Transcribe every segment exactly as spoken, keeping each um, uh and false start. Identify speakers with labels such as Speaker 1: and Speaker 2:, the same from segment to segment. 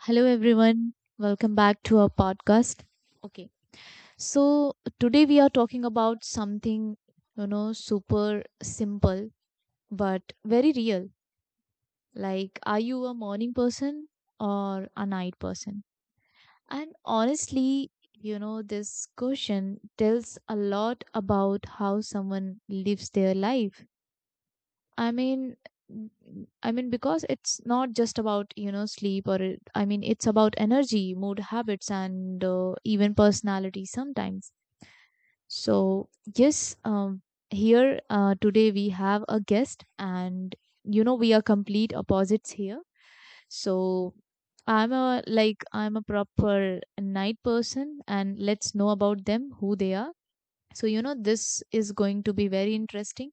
Speaker 1: Hello, everyone. Welcome back to our podcast. Okay, so today we are talking about something, you know, super simple but very real. Like, are you a morning person or a night person? And honestly, you know, this question tells a lot about how someone lives their life. I mean, n- n- I mean, because it's not just about, you know, sleep or it, I mean, it's about energy, mood habits, and uh, even personality sometimes. So, yes, um, here uh, today we have a guest, and you know, we are complete opposites here. So, I'm a like, I'm a proper night person, and let's know about them, who they are. So, you know, this is going to be very interesting.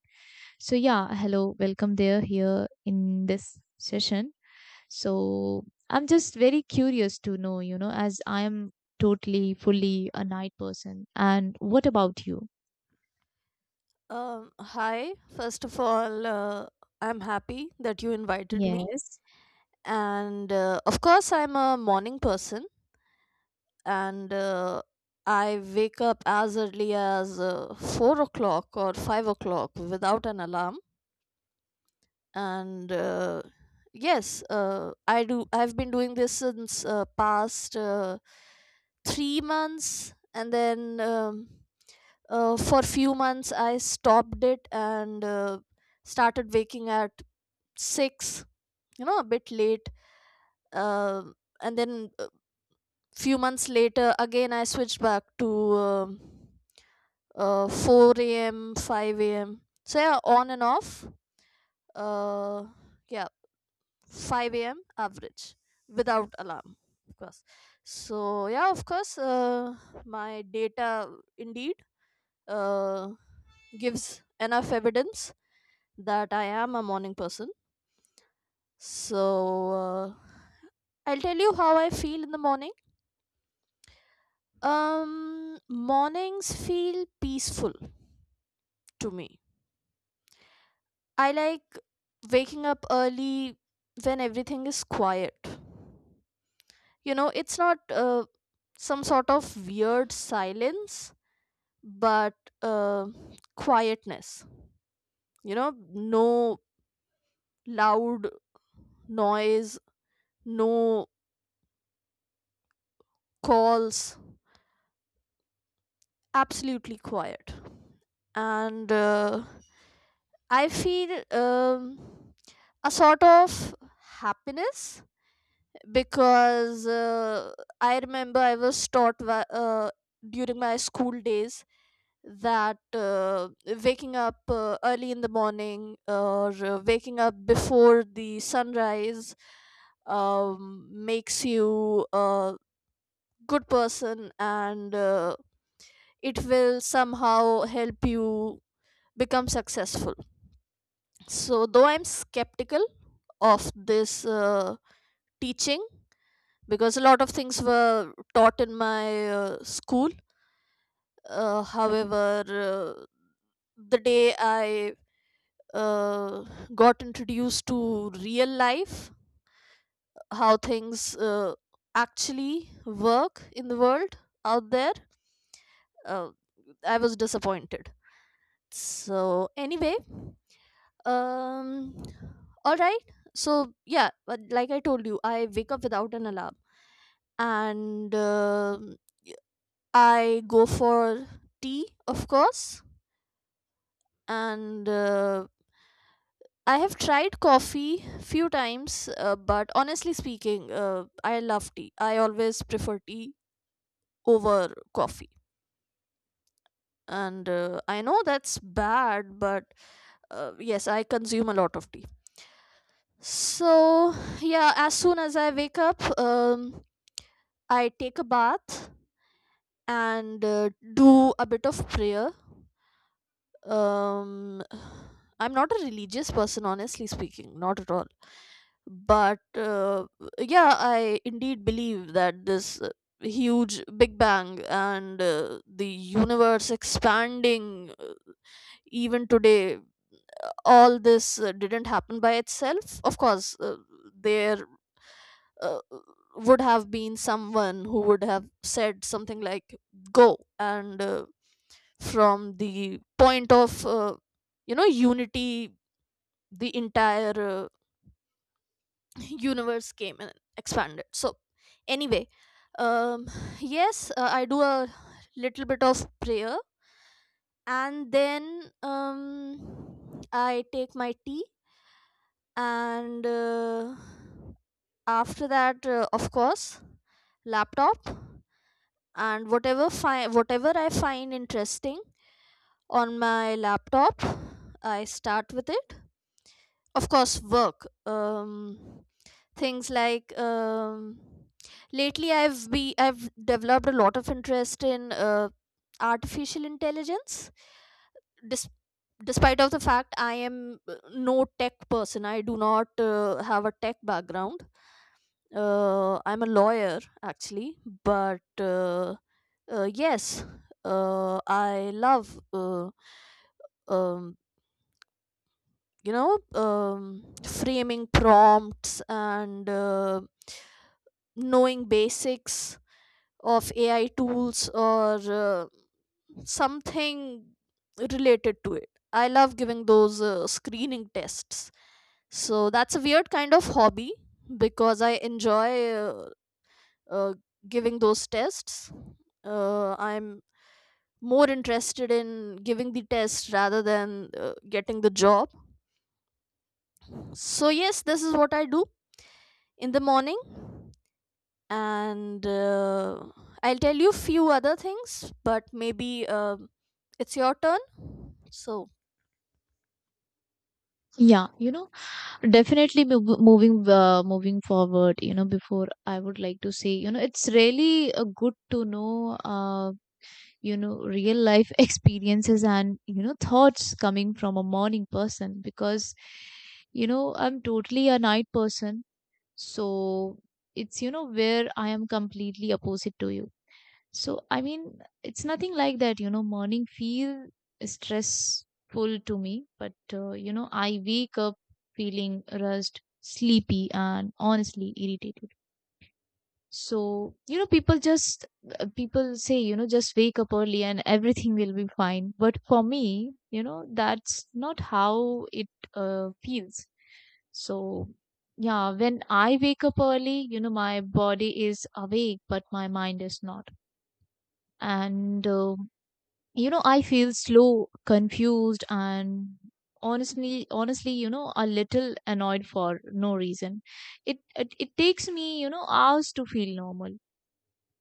Speaker 1: So yeah, hello, welcome there here in this session. So I'm just very curious to know, you know, as I am totally fully a night person. And what about you?
Speaker 2: Um, hi. First of all, uh, I'm happy that you invited me.
Speaker 1: Yes.
Speaker 2: And uh, of course, I'm a morning person, and uh, I wake up as early as uh, four o'clock or five o'clock without an alarm. And uh, yes, uh, I do. I've been doing this since uh, past uh, three months, and then. Um, uh, for few months I stopped it and uh, started waking at six, you know, a bit late, uh, and then uh, few months later again I switched back to um uh, four a m. five a m., so yeah, on and off, uh, yeah, five a m. average, without alarm, of course. So yeah, of course, uh, my data, indeed, uh, gives enough evidence that I am a morning person. So uh, I'll tell you how I feel in the morning. Um, mornings feel peaceful to me. I like waking up early when everything is quiet. You know, it's not uh, some sort of weird silence, but uh, quietness. You know, no loud noise, no calls, absolutely quiet, and uh, I feel um, a sort of happiness, because uh, I remember I was taught wha- uh, during my school days that uh, waking up uh, early in the morning, or uh, waking up before the sunrise um, makes you a good person, and uh, it will somehow help you become successful. So, though I'm skeptical of this uh, teaching, because a lot of things were taught in my uh, school, uh, however, uh, the day I uh, got introduced to real life, how things uh, actually work in the world out there, uh, I was disappointed. So, anyway. Um, all right. So yeah, but like I told you, I wake up without an alarm, and um y- I go for tea, of course, and uh, I have tried coffee few times, uh, but honestly speaking, uh, I love tea. I always prefer tea over coffee, and uh, I know that's bad, but uh, yes, I consume a lot of tea. So yeah, as soon as I wake up, um, I take a bath and uh, do a bit of prayer. Um, I'm not a religious person, honestly speaking, not at all. But uh, yeah, I indeed believe that this uh, huge Big Bang and uh, the universe expanding even today, all this uh, didn't happen by itself. Of course, uh, there uh, would have been someone who would have said something like, go and uh, from the point of uh, you know unity, the entire uh, universe came and expanded. So anyway, um yes, uh, I do a little bit of prayer, and then um I take my tea, and uh, after that, uh, of course, laptop, and whatever fi- whatever I find interesting on my laptop, I start with it. Of course, work. um Things like, um lately i've be i've developed a lot of interest in uh, artificial intelligence. Dis- Despite of the fact I am uh, no tech person, I do not uh, have a tech background. uh, I'm a lawyer, actually, but uh, uh, yes, uh, I love, uh, um, you know um, framing prompts, and uh, knowing basics of AI tools, or uh, something related to it. I love giving those uh, screening tests. So that's a weird kind of hobby, because I enjoy, uh, uh, giving those tests. uh, I'm more interested in giving the test rather than uh, getting the job. So yes, this is what I do in the morning, and uh, I'll tell you few other things, but maybe uh, it's your turn, so.
Speaker 1: Yeah, you know, definitely mov- moving uh, moving forward, you know, before I would like to say, you know, it's really uh, good to know uh, you know real life experiences and you know thoughts coming from a morning person because you know I'm totally a night person. So it's you know where I am completely opposite to you. So I mean it's nothing like that you know morning feel stressful to me, but uh, you know I wake up feeling rushed, sleepy and honestly irritated. So, you know, people just, uh, people say, you know, just wake up early and everything will be fine. But for me, you know, that's not how it uh, feels. So, yeah, when I wake up early, you know, my body is awake, but my mind is not. And, uh, you know, I feel slow, confused, and honestly, honestly, you know, a little annoyed for no reason. It, it, it takes me, you know, hours to feel normal,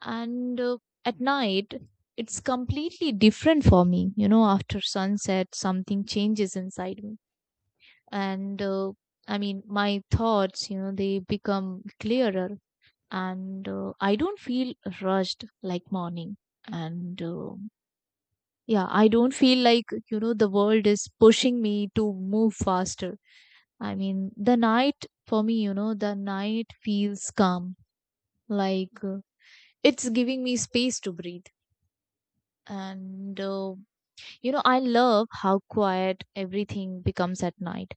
Speaker 1: and uh, at night it's completely different for me. You know, after sunset something changes inside me, and uh, I mean my thoughts, you know, they become clearer, and uh, I don't feel rushed like morning, and uh, yeah I don't feel like you know the world is pushing me to move faster. I mean the night for me, you know, the night feels calm, like uh, it's giving me space to breathe. And uh, you know, I love how quiet everything becomes at night.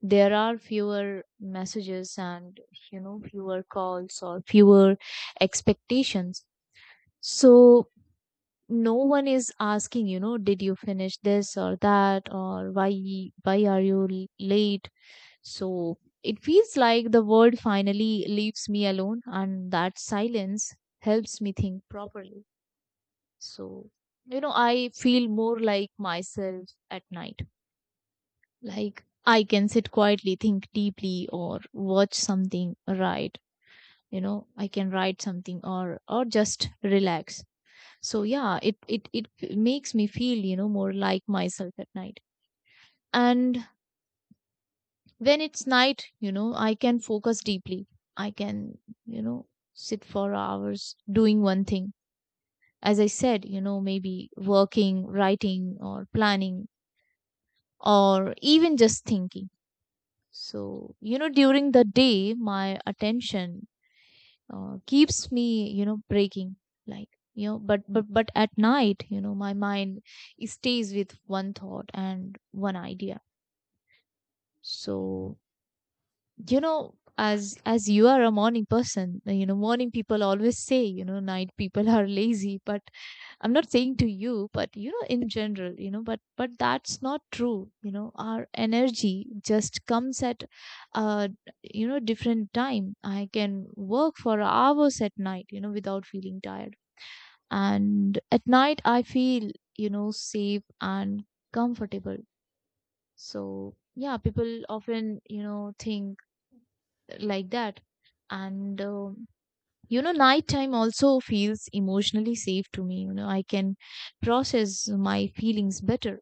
Speaker 1: There are fewer messages and you know, fewer calls or fewer expectations. So no one is asking, you know, did you finish this or that or why why are you l- late? So it feels like the world finally leaves me alone, and that silence helps me think properly. So, you know, I feel more like myself at night. Like I can sit quietly, think deeply, or watch something, write. You know, I can write something or or just relax. So yeah, it it it makes me feel, you know, more like myself at night. And when it's night, you know, I can focus deeply. I can, you know, sit for hours doing one thing, as I said, you know, maybe working, writing, or planning or even just thinking. So, you know, during the day, my attention uh, keeps me, you know, breaking like, you know, but, but, but at night, you know, my mind stays with one thought and one idea. So, you know, as, as you are a morning person, you know, morning people always say, you know, night people are lazy, but I'm not saying to you, but you know, in general, you know, but but that's not true. You know, our energy just comes at, uh, you know, different time. I can work for hours at night, you know, without feeling tired, and at night I feel, you know, safe and comfortable. So yeah, people often, you know, think like that, and. Um, you know nighttime also feels emotionally safe to me. You know I can process my feelings better.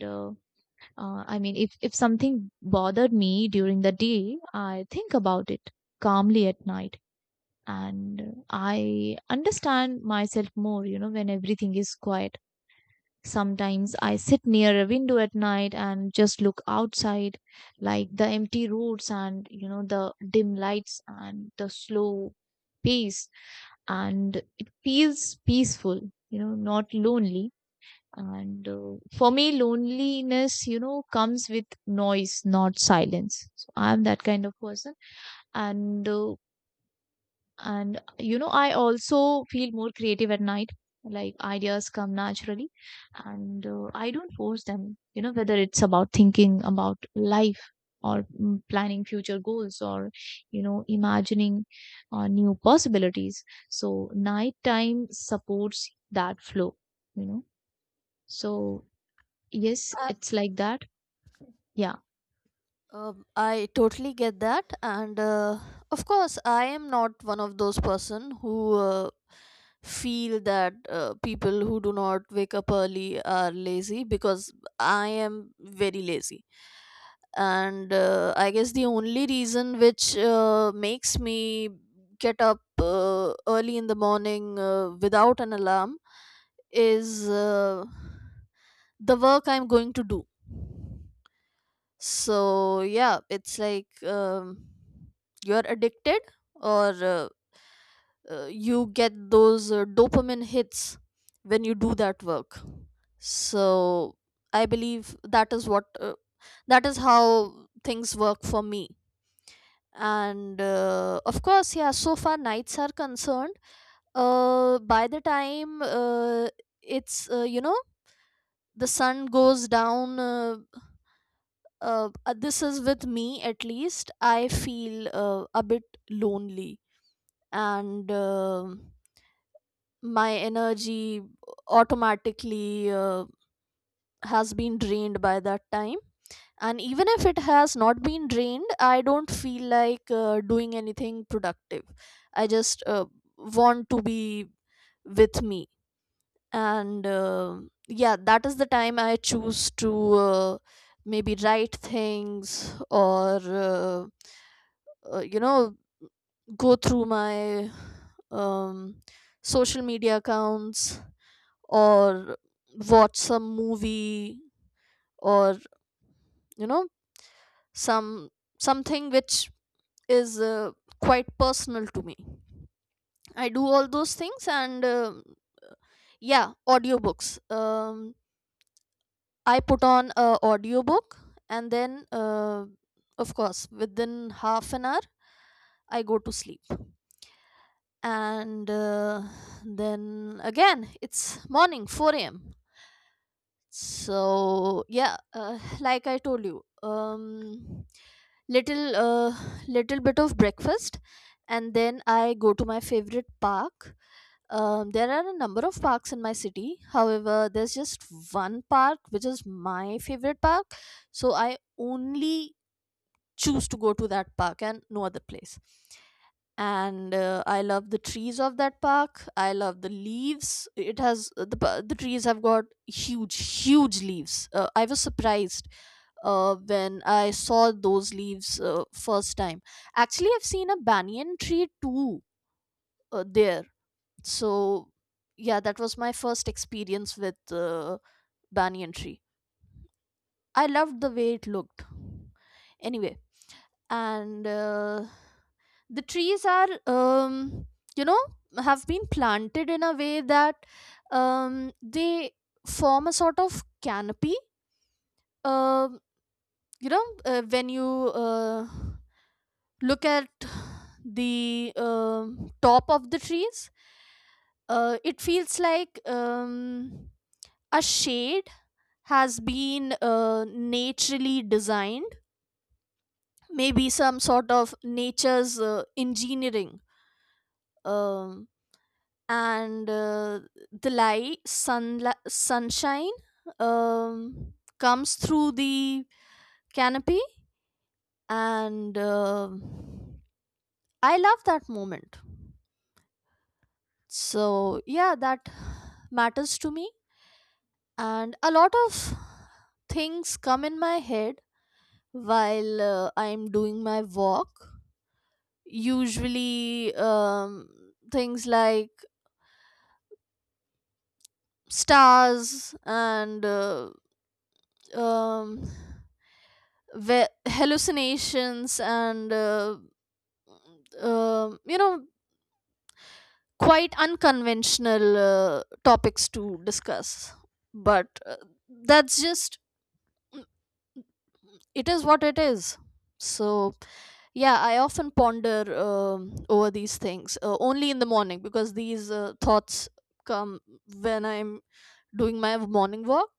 Speaker 1: uh, uh, I mean if if something bothered me during the day, I think about it calmly at night, and I understand myself more, you know, when everything is quiet. Sometimes I sit near a window at night and just look outside, like the empty roads and you know the dim lights and the slow pace, and it feels peaceful, you know, not lonely. And uh, for me, loneliness, you know, comes with noise, not silence. So I'm that kind of person, and uh, and you know, I also feel more creative at night. Like ideas come naturally, and uh, I don't force them. You know, whether it's about thinking about life or mm, planning future goals or you know imagining uh, new possibilities. So nighttime supports that flow. You know, so yes, it's like that. Yeah,
Speaker 2: Um, I totally get that, and uh, of course, I am not one of those person who uh, feel that uh, people who do not wake up early are lazy, because I am very lazy, and uh, I guess the only reason which uh, makes me get up uh, early in the morning uh, without an alarm is uh, the work I'm going to do. So yeah, it's like, um, you're addicted, or uh, uh, you get those uh, dopamine hits when you do that work. So I believe that is what, uh, that is how things work for me. And uh, of course, yeah. So far nights are concerned. Uh, by the time uh, it's, uh, you know, the sun goes down. Uh, uh, uh, this is with me, at least I feel uh, a bit lonely, and um my energy automatically uh, has been drained by that time, and even if it has not been drained, I don't feel like uh, doing anything productive. I just, uh, want to be with me, and uh, yeah, that is the time I choose to, uh, maybe write things, or uh, uh, you know go through my, um, social media accounts, or watch some movie, or you know some something which is uh, quite personal to me. I do all those things, and um yeah, audiobooks, um, I put on a audiobook, and then uh, of course, within half an hour I go to sleep, and uh, then again it's morning, four a m. So yeah, uh, like I told you, um little uh, little bit of breakfast, and then I go to my favorite park. Um, there are a number of parks in my city, however there's just one park which is my favorite park, so I only choose to go to that park and no other place. And uh, I love the trees of that park. I love the leaves it has, uh, the pa- the trees have got huge huge leaves. uh, I was surprised, uh, when I saw those leaves, uh, first time. Actually, I've seen a banyan tree too, uh, there. So yeah, that was my first experience with uh, banyan tree. I loved the way it looked. Anyway, and uh, the trees are, um, you know have been planted in a way that, um, they form a sort of canopy. Um, you know uh, when you, uh, look at the um top of the trees, uh, it feels like, um, a shade has been, uh, naturally designed, maybe some sort of nature's uh, engineering. um, and uh, the light sun, sunshine, um, comes through the canopy, and um I love that moment. So yeah, that matters to me, and a lot of things come in my head while uh, I'm doing my walk. Usually um, things like stars, and uh, um, ve- hallucinations, and uh, um you know, quite unconventional uh, topics to discuss, but uh, that's just, it is what it is. So yeah, I often ponder um, over these things, uh, only in the morning, because these uh, thoughts come when I'm doing my morning walk.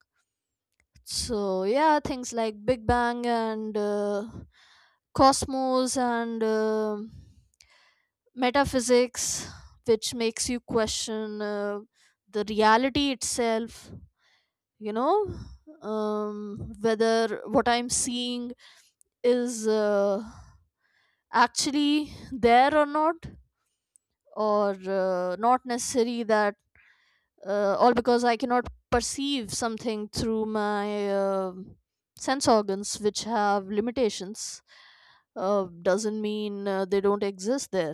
Speaker 2: So yeah, things like Big Bang, and uh, cosmos, and um metaphysics, which makes you question uh, the reality itself. You know, um, whether what I'm seeing is, uh, actually there or not, or uh, not necessary that, uh, all because I cannot perceive something through my um sense organs, which have limitations, uh, doesn't mean uh, they don't exist there.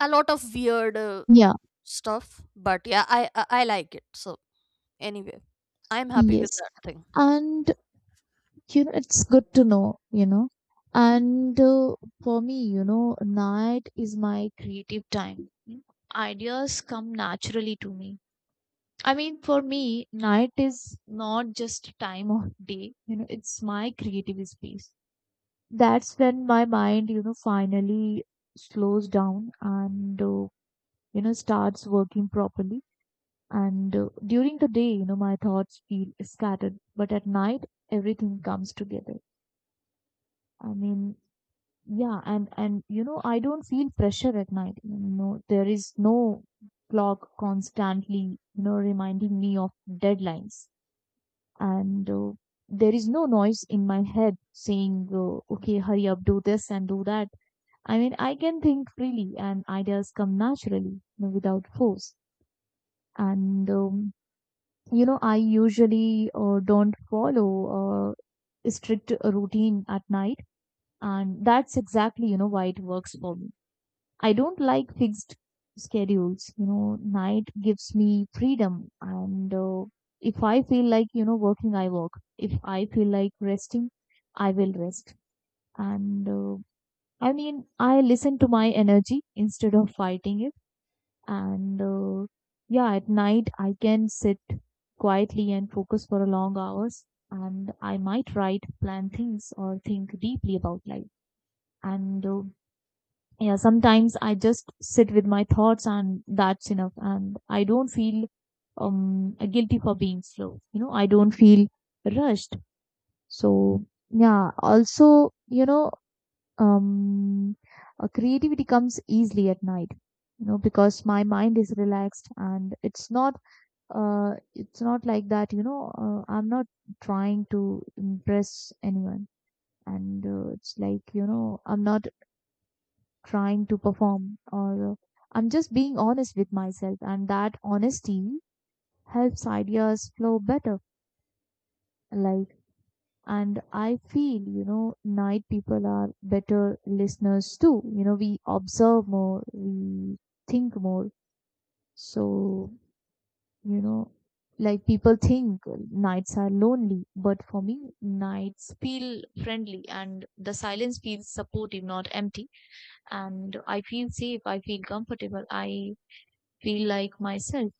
Speaker 2: A lot of weird uh,
Speaker 1: yeah,
Speaker 2: stuff, but yeah, i i, I like it, so anyway, I'm happy with
Speaker 1: yes.
Speaker 2: that thing.
Speaker 1: And you know it's good to know, you know, and uh, for me you know night is my creative time. Mm. Ideas come naturally to me. I mean for me night is not just time of day, you know, it's my creative space. That's when my mind, you know, finally slows down, and uh, you know starts working properly, and uh, during the day you know my thoughts feel scattered, but at night everything comes together. I mean, yeah, and and you know, I don't feel pressure at night. You know, there is no clock constantly, you know, reminding me of deadlines, and uh, there is no noise in my head saying, uh, "Okay, hurry up, do this and do that." I mean, I can think freely, and ideas come naturally, you know, without force. And um, you know, I usually uh, don't follow uh, a strict routine at night, and that's exactly, you know, why it works for me. I don't like fixed schedules. You know, night gives me freedom. And uh, if I feel like, you know, working, I work. If I feel like resting, I will rest. And uh, I mean, I listen to my energy instead of fighting it. And uh, yeah, at night, I can sit quietly and focus for long hours. And I might write, plan things, or think deeply about life. And uh, yeah, sometimes I just sit with my thoughts and that's enough, and I don't feel um guilty for being slow. You know I don't feel rushed. So yeah, also you know, um uh, creativity comes easily at night, you know, because my mind is relaxed, and it's not uh it's not like that you know, uh, I'm not trying to impress anyone, and uh, it's like you know I'm not trying to perform or uh, I'm just being honest with myself, and that honesty helps ideas flow better. Like, and I feel you know night people are better listeners too. You know we observe more, we think more. So you know, like people think nights are lonely, but for me nights feel friendly, and the silence feels supportive, not empty. And I feel safe, I feel comfortable, I feel like myself.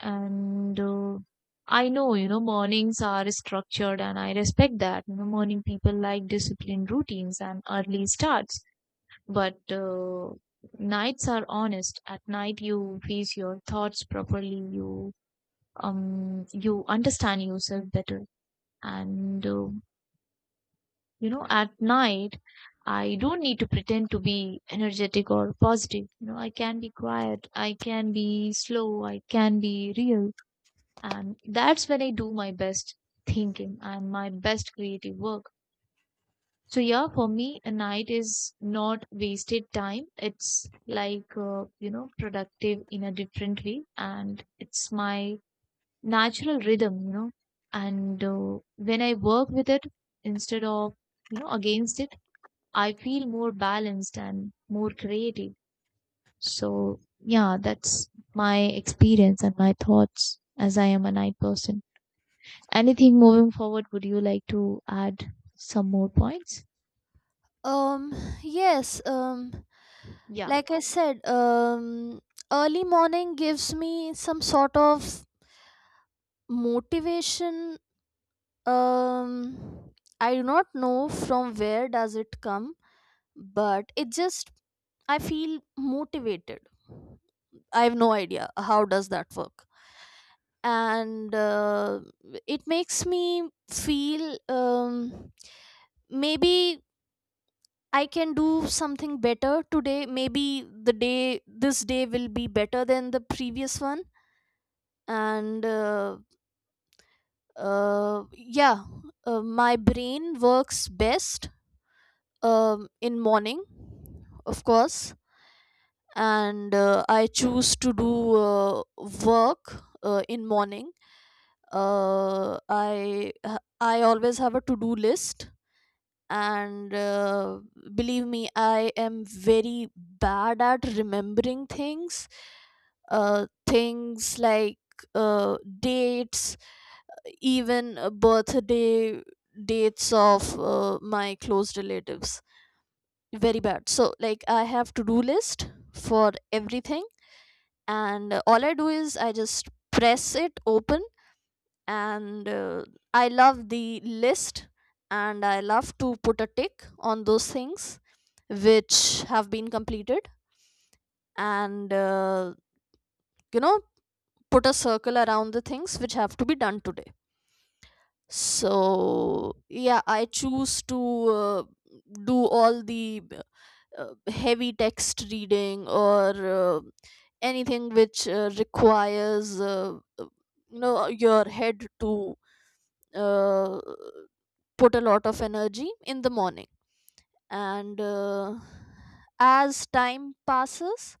Speaker 1: And uh, I know, you know, mornings are structured and I respect that. You know, morning people like disciplined routines and early starts, but uh, nights are honest. At night, you face your thoughts properly. You um you understand yourself better, and uh, you know, at night, I don't need to pretend to be energetic or positive. You know, I can be quiet. I can be slow. I can be real. And that's when I do my best thinking and my best creative work. So, yeah, for me, a night is not wasted time. It's like, uh, you know, productive in a different way. And it's my natural rhythm, you know. And uh, when I work with it instead of, you know, against it, I feel more balanced and more creative. So, yeah, that's my experience and my thoughts as I am a night person. Anything moving forward, would you like to add some more points?
Speaker 2: um yes, um
Speaker 1: Yeah,
Speaker 2: like I said, um early morning gives me some sort of motivation. um I do not know from where does it come, but it just, I feel motivated. I have no idea how does that work, and uh, it makes me feel, um maybe I can do something better today. Maybe the day, this day will be better than the previous one. And uh, uh, yeah, uh, my brain works best um, in morning, of course. And uh, I choose to do uh, work uh, in morning. Uh, I I always have a to do list, and uh, believe me, I am very bad at remembering things, uh, things like uh, dates, even uh, birthday dates of uh, my close relatives. Very bad, so like, I have to do list for everything, and uh, all I do is I just press it open, and uh, I love the list, and I love to put a tick on those things which have been completed, and uh, you know put a circle around the things which have to be done today. So yeah, I choose to uh, do all the uh, heavy text reading, or uh, anything which uh, requires, uh, uh, you know your head to uh, put a lot of energy in the morning, and uh, as time passes,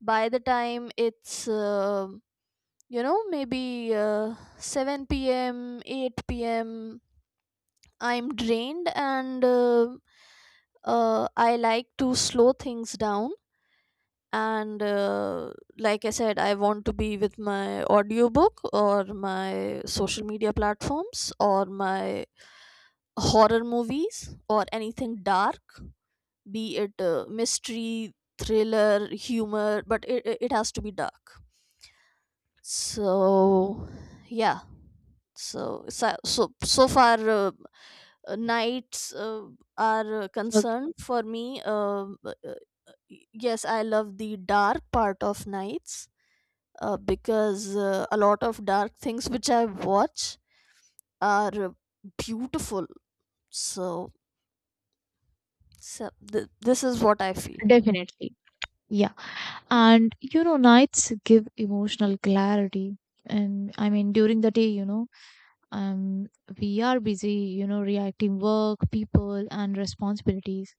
Speaker 2: by the time it's uh, you know maybe uh, seven p m. eight p m., I'm drained, and uh, uh, I like to slow things down, and uh, like I said, I want to be with my audiobook, or my social media platforms, or my horror movies, or anything dark, be it uh, mystery, thriller, humor, but it, it it has to be dark. So, yeah. So, so, so so far, uh, uh, nights uh, are uh,
Speaker 1: so
Speaker 2: concerned for me. Um, Uh, uh, yes, I love the dark part of nights, uh, because uh, a lot of dark things which I watch are, uh, beautiful. So, so th- this is what I feel.
Speaker 1: definitely. Yeah. And you know, nights give emotional clarity. And I mean, during the day, you know, um, we are busy, you know, reacting work, people, and responsibilities.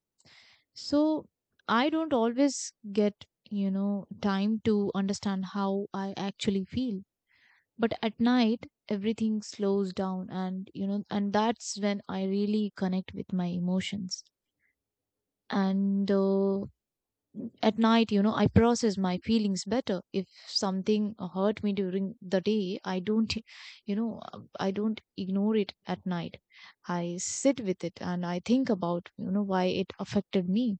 Speaker 1: So I don't always get, you know, time to understand how I actually feel. But at night everything slows down, and you know and that's when I really connect with my emotions, and uh, at night you know I process my feelings better. If something hurt me during the day I don't you know I don't ignore it at night. I sit with it and I think about you know why it affected me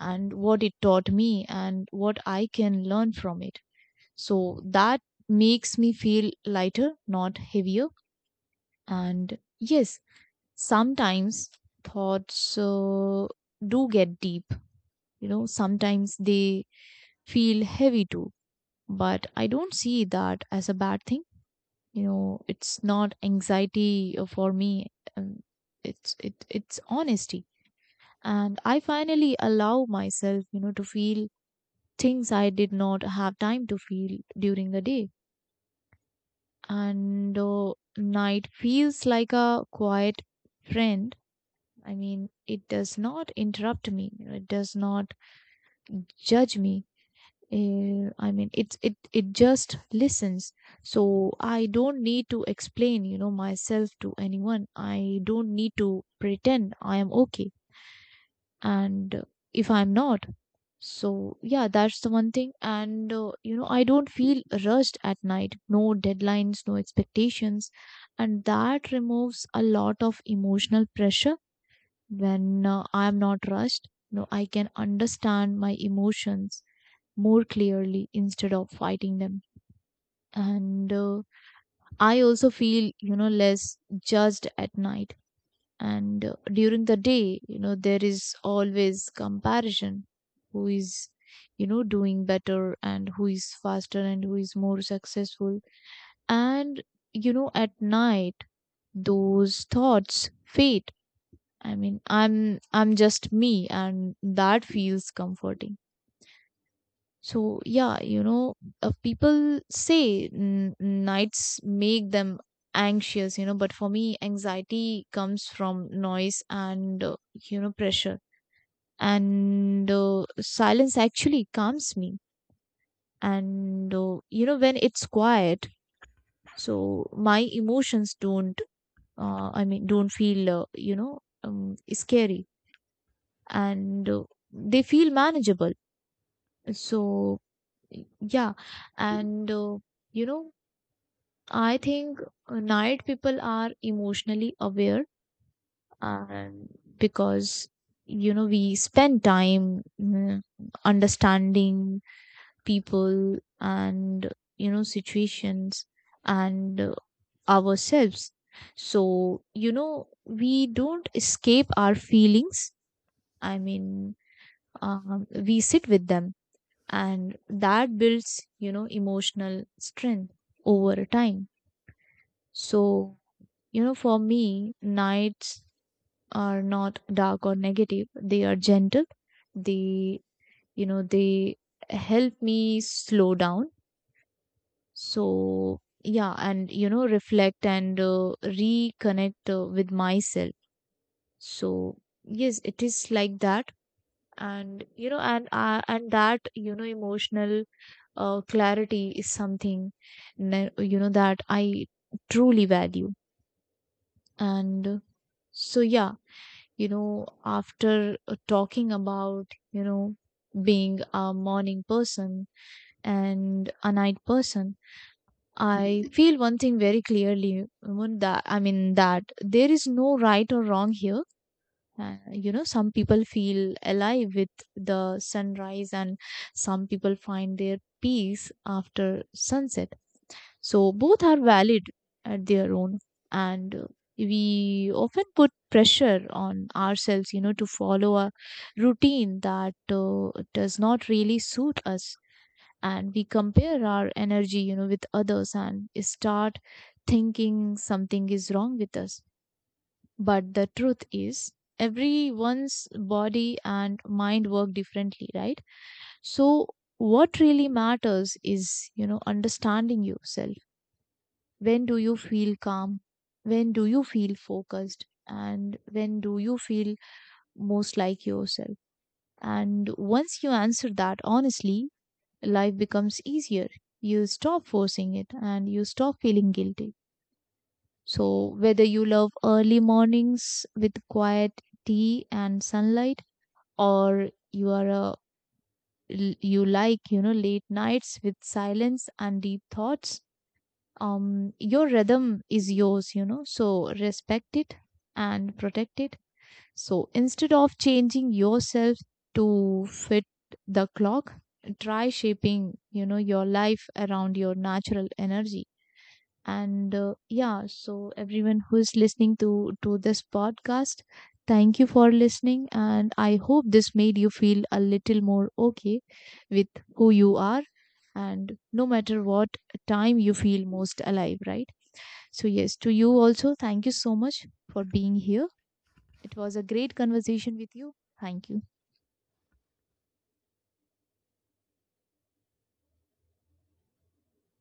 Speaker 1: and what it taught me and what I can learn from it. So that makes me feel lighter, not heavier. And yes, sometimes thoughts uh, do get deep. You know, sometimes they feel heavy too. But I don't see that as a bad thing. You know, it's not anxiety uh, for me. um, It's it it's honesty, and I finally allow myself, you know, to feel things I did not have time to feel during the day. And uh, Night feels like a quiet friend. I mean, it does not interrupt me. You know, it does not judge me. eh, I mean, it's it it just listens. So I don't need to explain, you know, myself to anyone. I don't need to pretend I am okay, and uh, if I'm not. So yeah, that's the one thing. And uh, You know, I don't feel rushed at night. No deadlines, no expectations, and that removes a lot of emotional pressure when uh, I am not rushed. No, I can understand my emotions more clearly instead of fighting them. And uh, I also feel, you know, less judged at night. And uh, During the day, you know, there is always comparison. Who is, you know, doing better, and who is faster, and who is more successful. And, you know, at night, those thoughts fade. I mean, I'm I'm just me, and that feels comforting. So yeah, you know, uh, people say n- nights make them anxious, you know, but for me, anxiety comes from noise and uh, you know, pressure, and uh, silence actually calms me. And uh, You know, when it's quiet, so my emotions don't, uh, I mean, don't feel uh, you know um, scary, and uh, they feel manageable. So, yeah, and uh, you know, I think uh, night people are emotionally aware, and because you know, we spend time mm, understanding people and, you know, situations and uh, ourselves. So, you know, we don't escape our feelings. I mean, um, we sit with them, and that builds, you know, emotional strength over time. So, you know, for me, nights are not dark or negative. They are gentle. They, you know, they help me slow down. So yeah, and you know, reflect and uh, reconnect uh, with myself. So yes, it is like that. And you know, and uh, and that, you know, emotional uh, clarity is something ne- you know, that I truly value. And uh, So yeah, you know, after uh, talking about, you know, being a morning person and a night person, I feel one thing very clearly. One, that, I mean, that there is no right or wrong here. Uh, you know, some people feel alive with the sunrise, and some people find their peace after sunset. So both are valid at their own. And uh, We often put pressure on ourselves, you know, to follow a routine that uh, does not really suit us. And we compare our energy, you know, with others and start thinking something is wrong with us. But the truth is, everyone's body and mind work differently, right? So, what really matters is, you know, understanding yourself. When do you feel calm? When do you feel focused? And when do you feel most like yourself? And once you answer that honestly, life becomes easier. You stop forcing it, and you stop feeling guilty. So, whether you love early mornings with quiet tea and sunlight, or you are a you like, you know, late nights with silence and deep thoughts, um your rhythm is yours, you know, so respect it and protect it. So instead of changing yourself to fit the clock, try shaping, you know, your life around your natural energy. And uh, yeah, so everyone who is listening to to this podcast, thank you for listening, and I hope this made you feel a little more okay with who you are, and no matter what time you feel most alive, right? So, yes, to you also, thank you so much for being here. It was a great conversation with you. Thank you.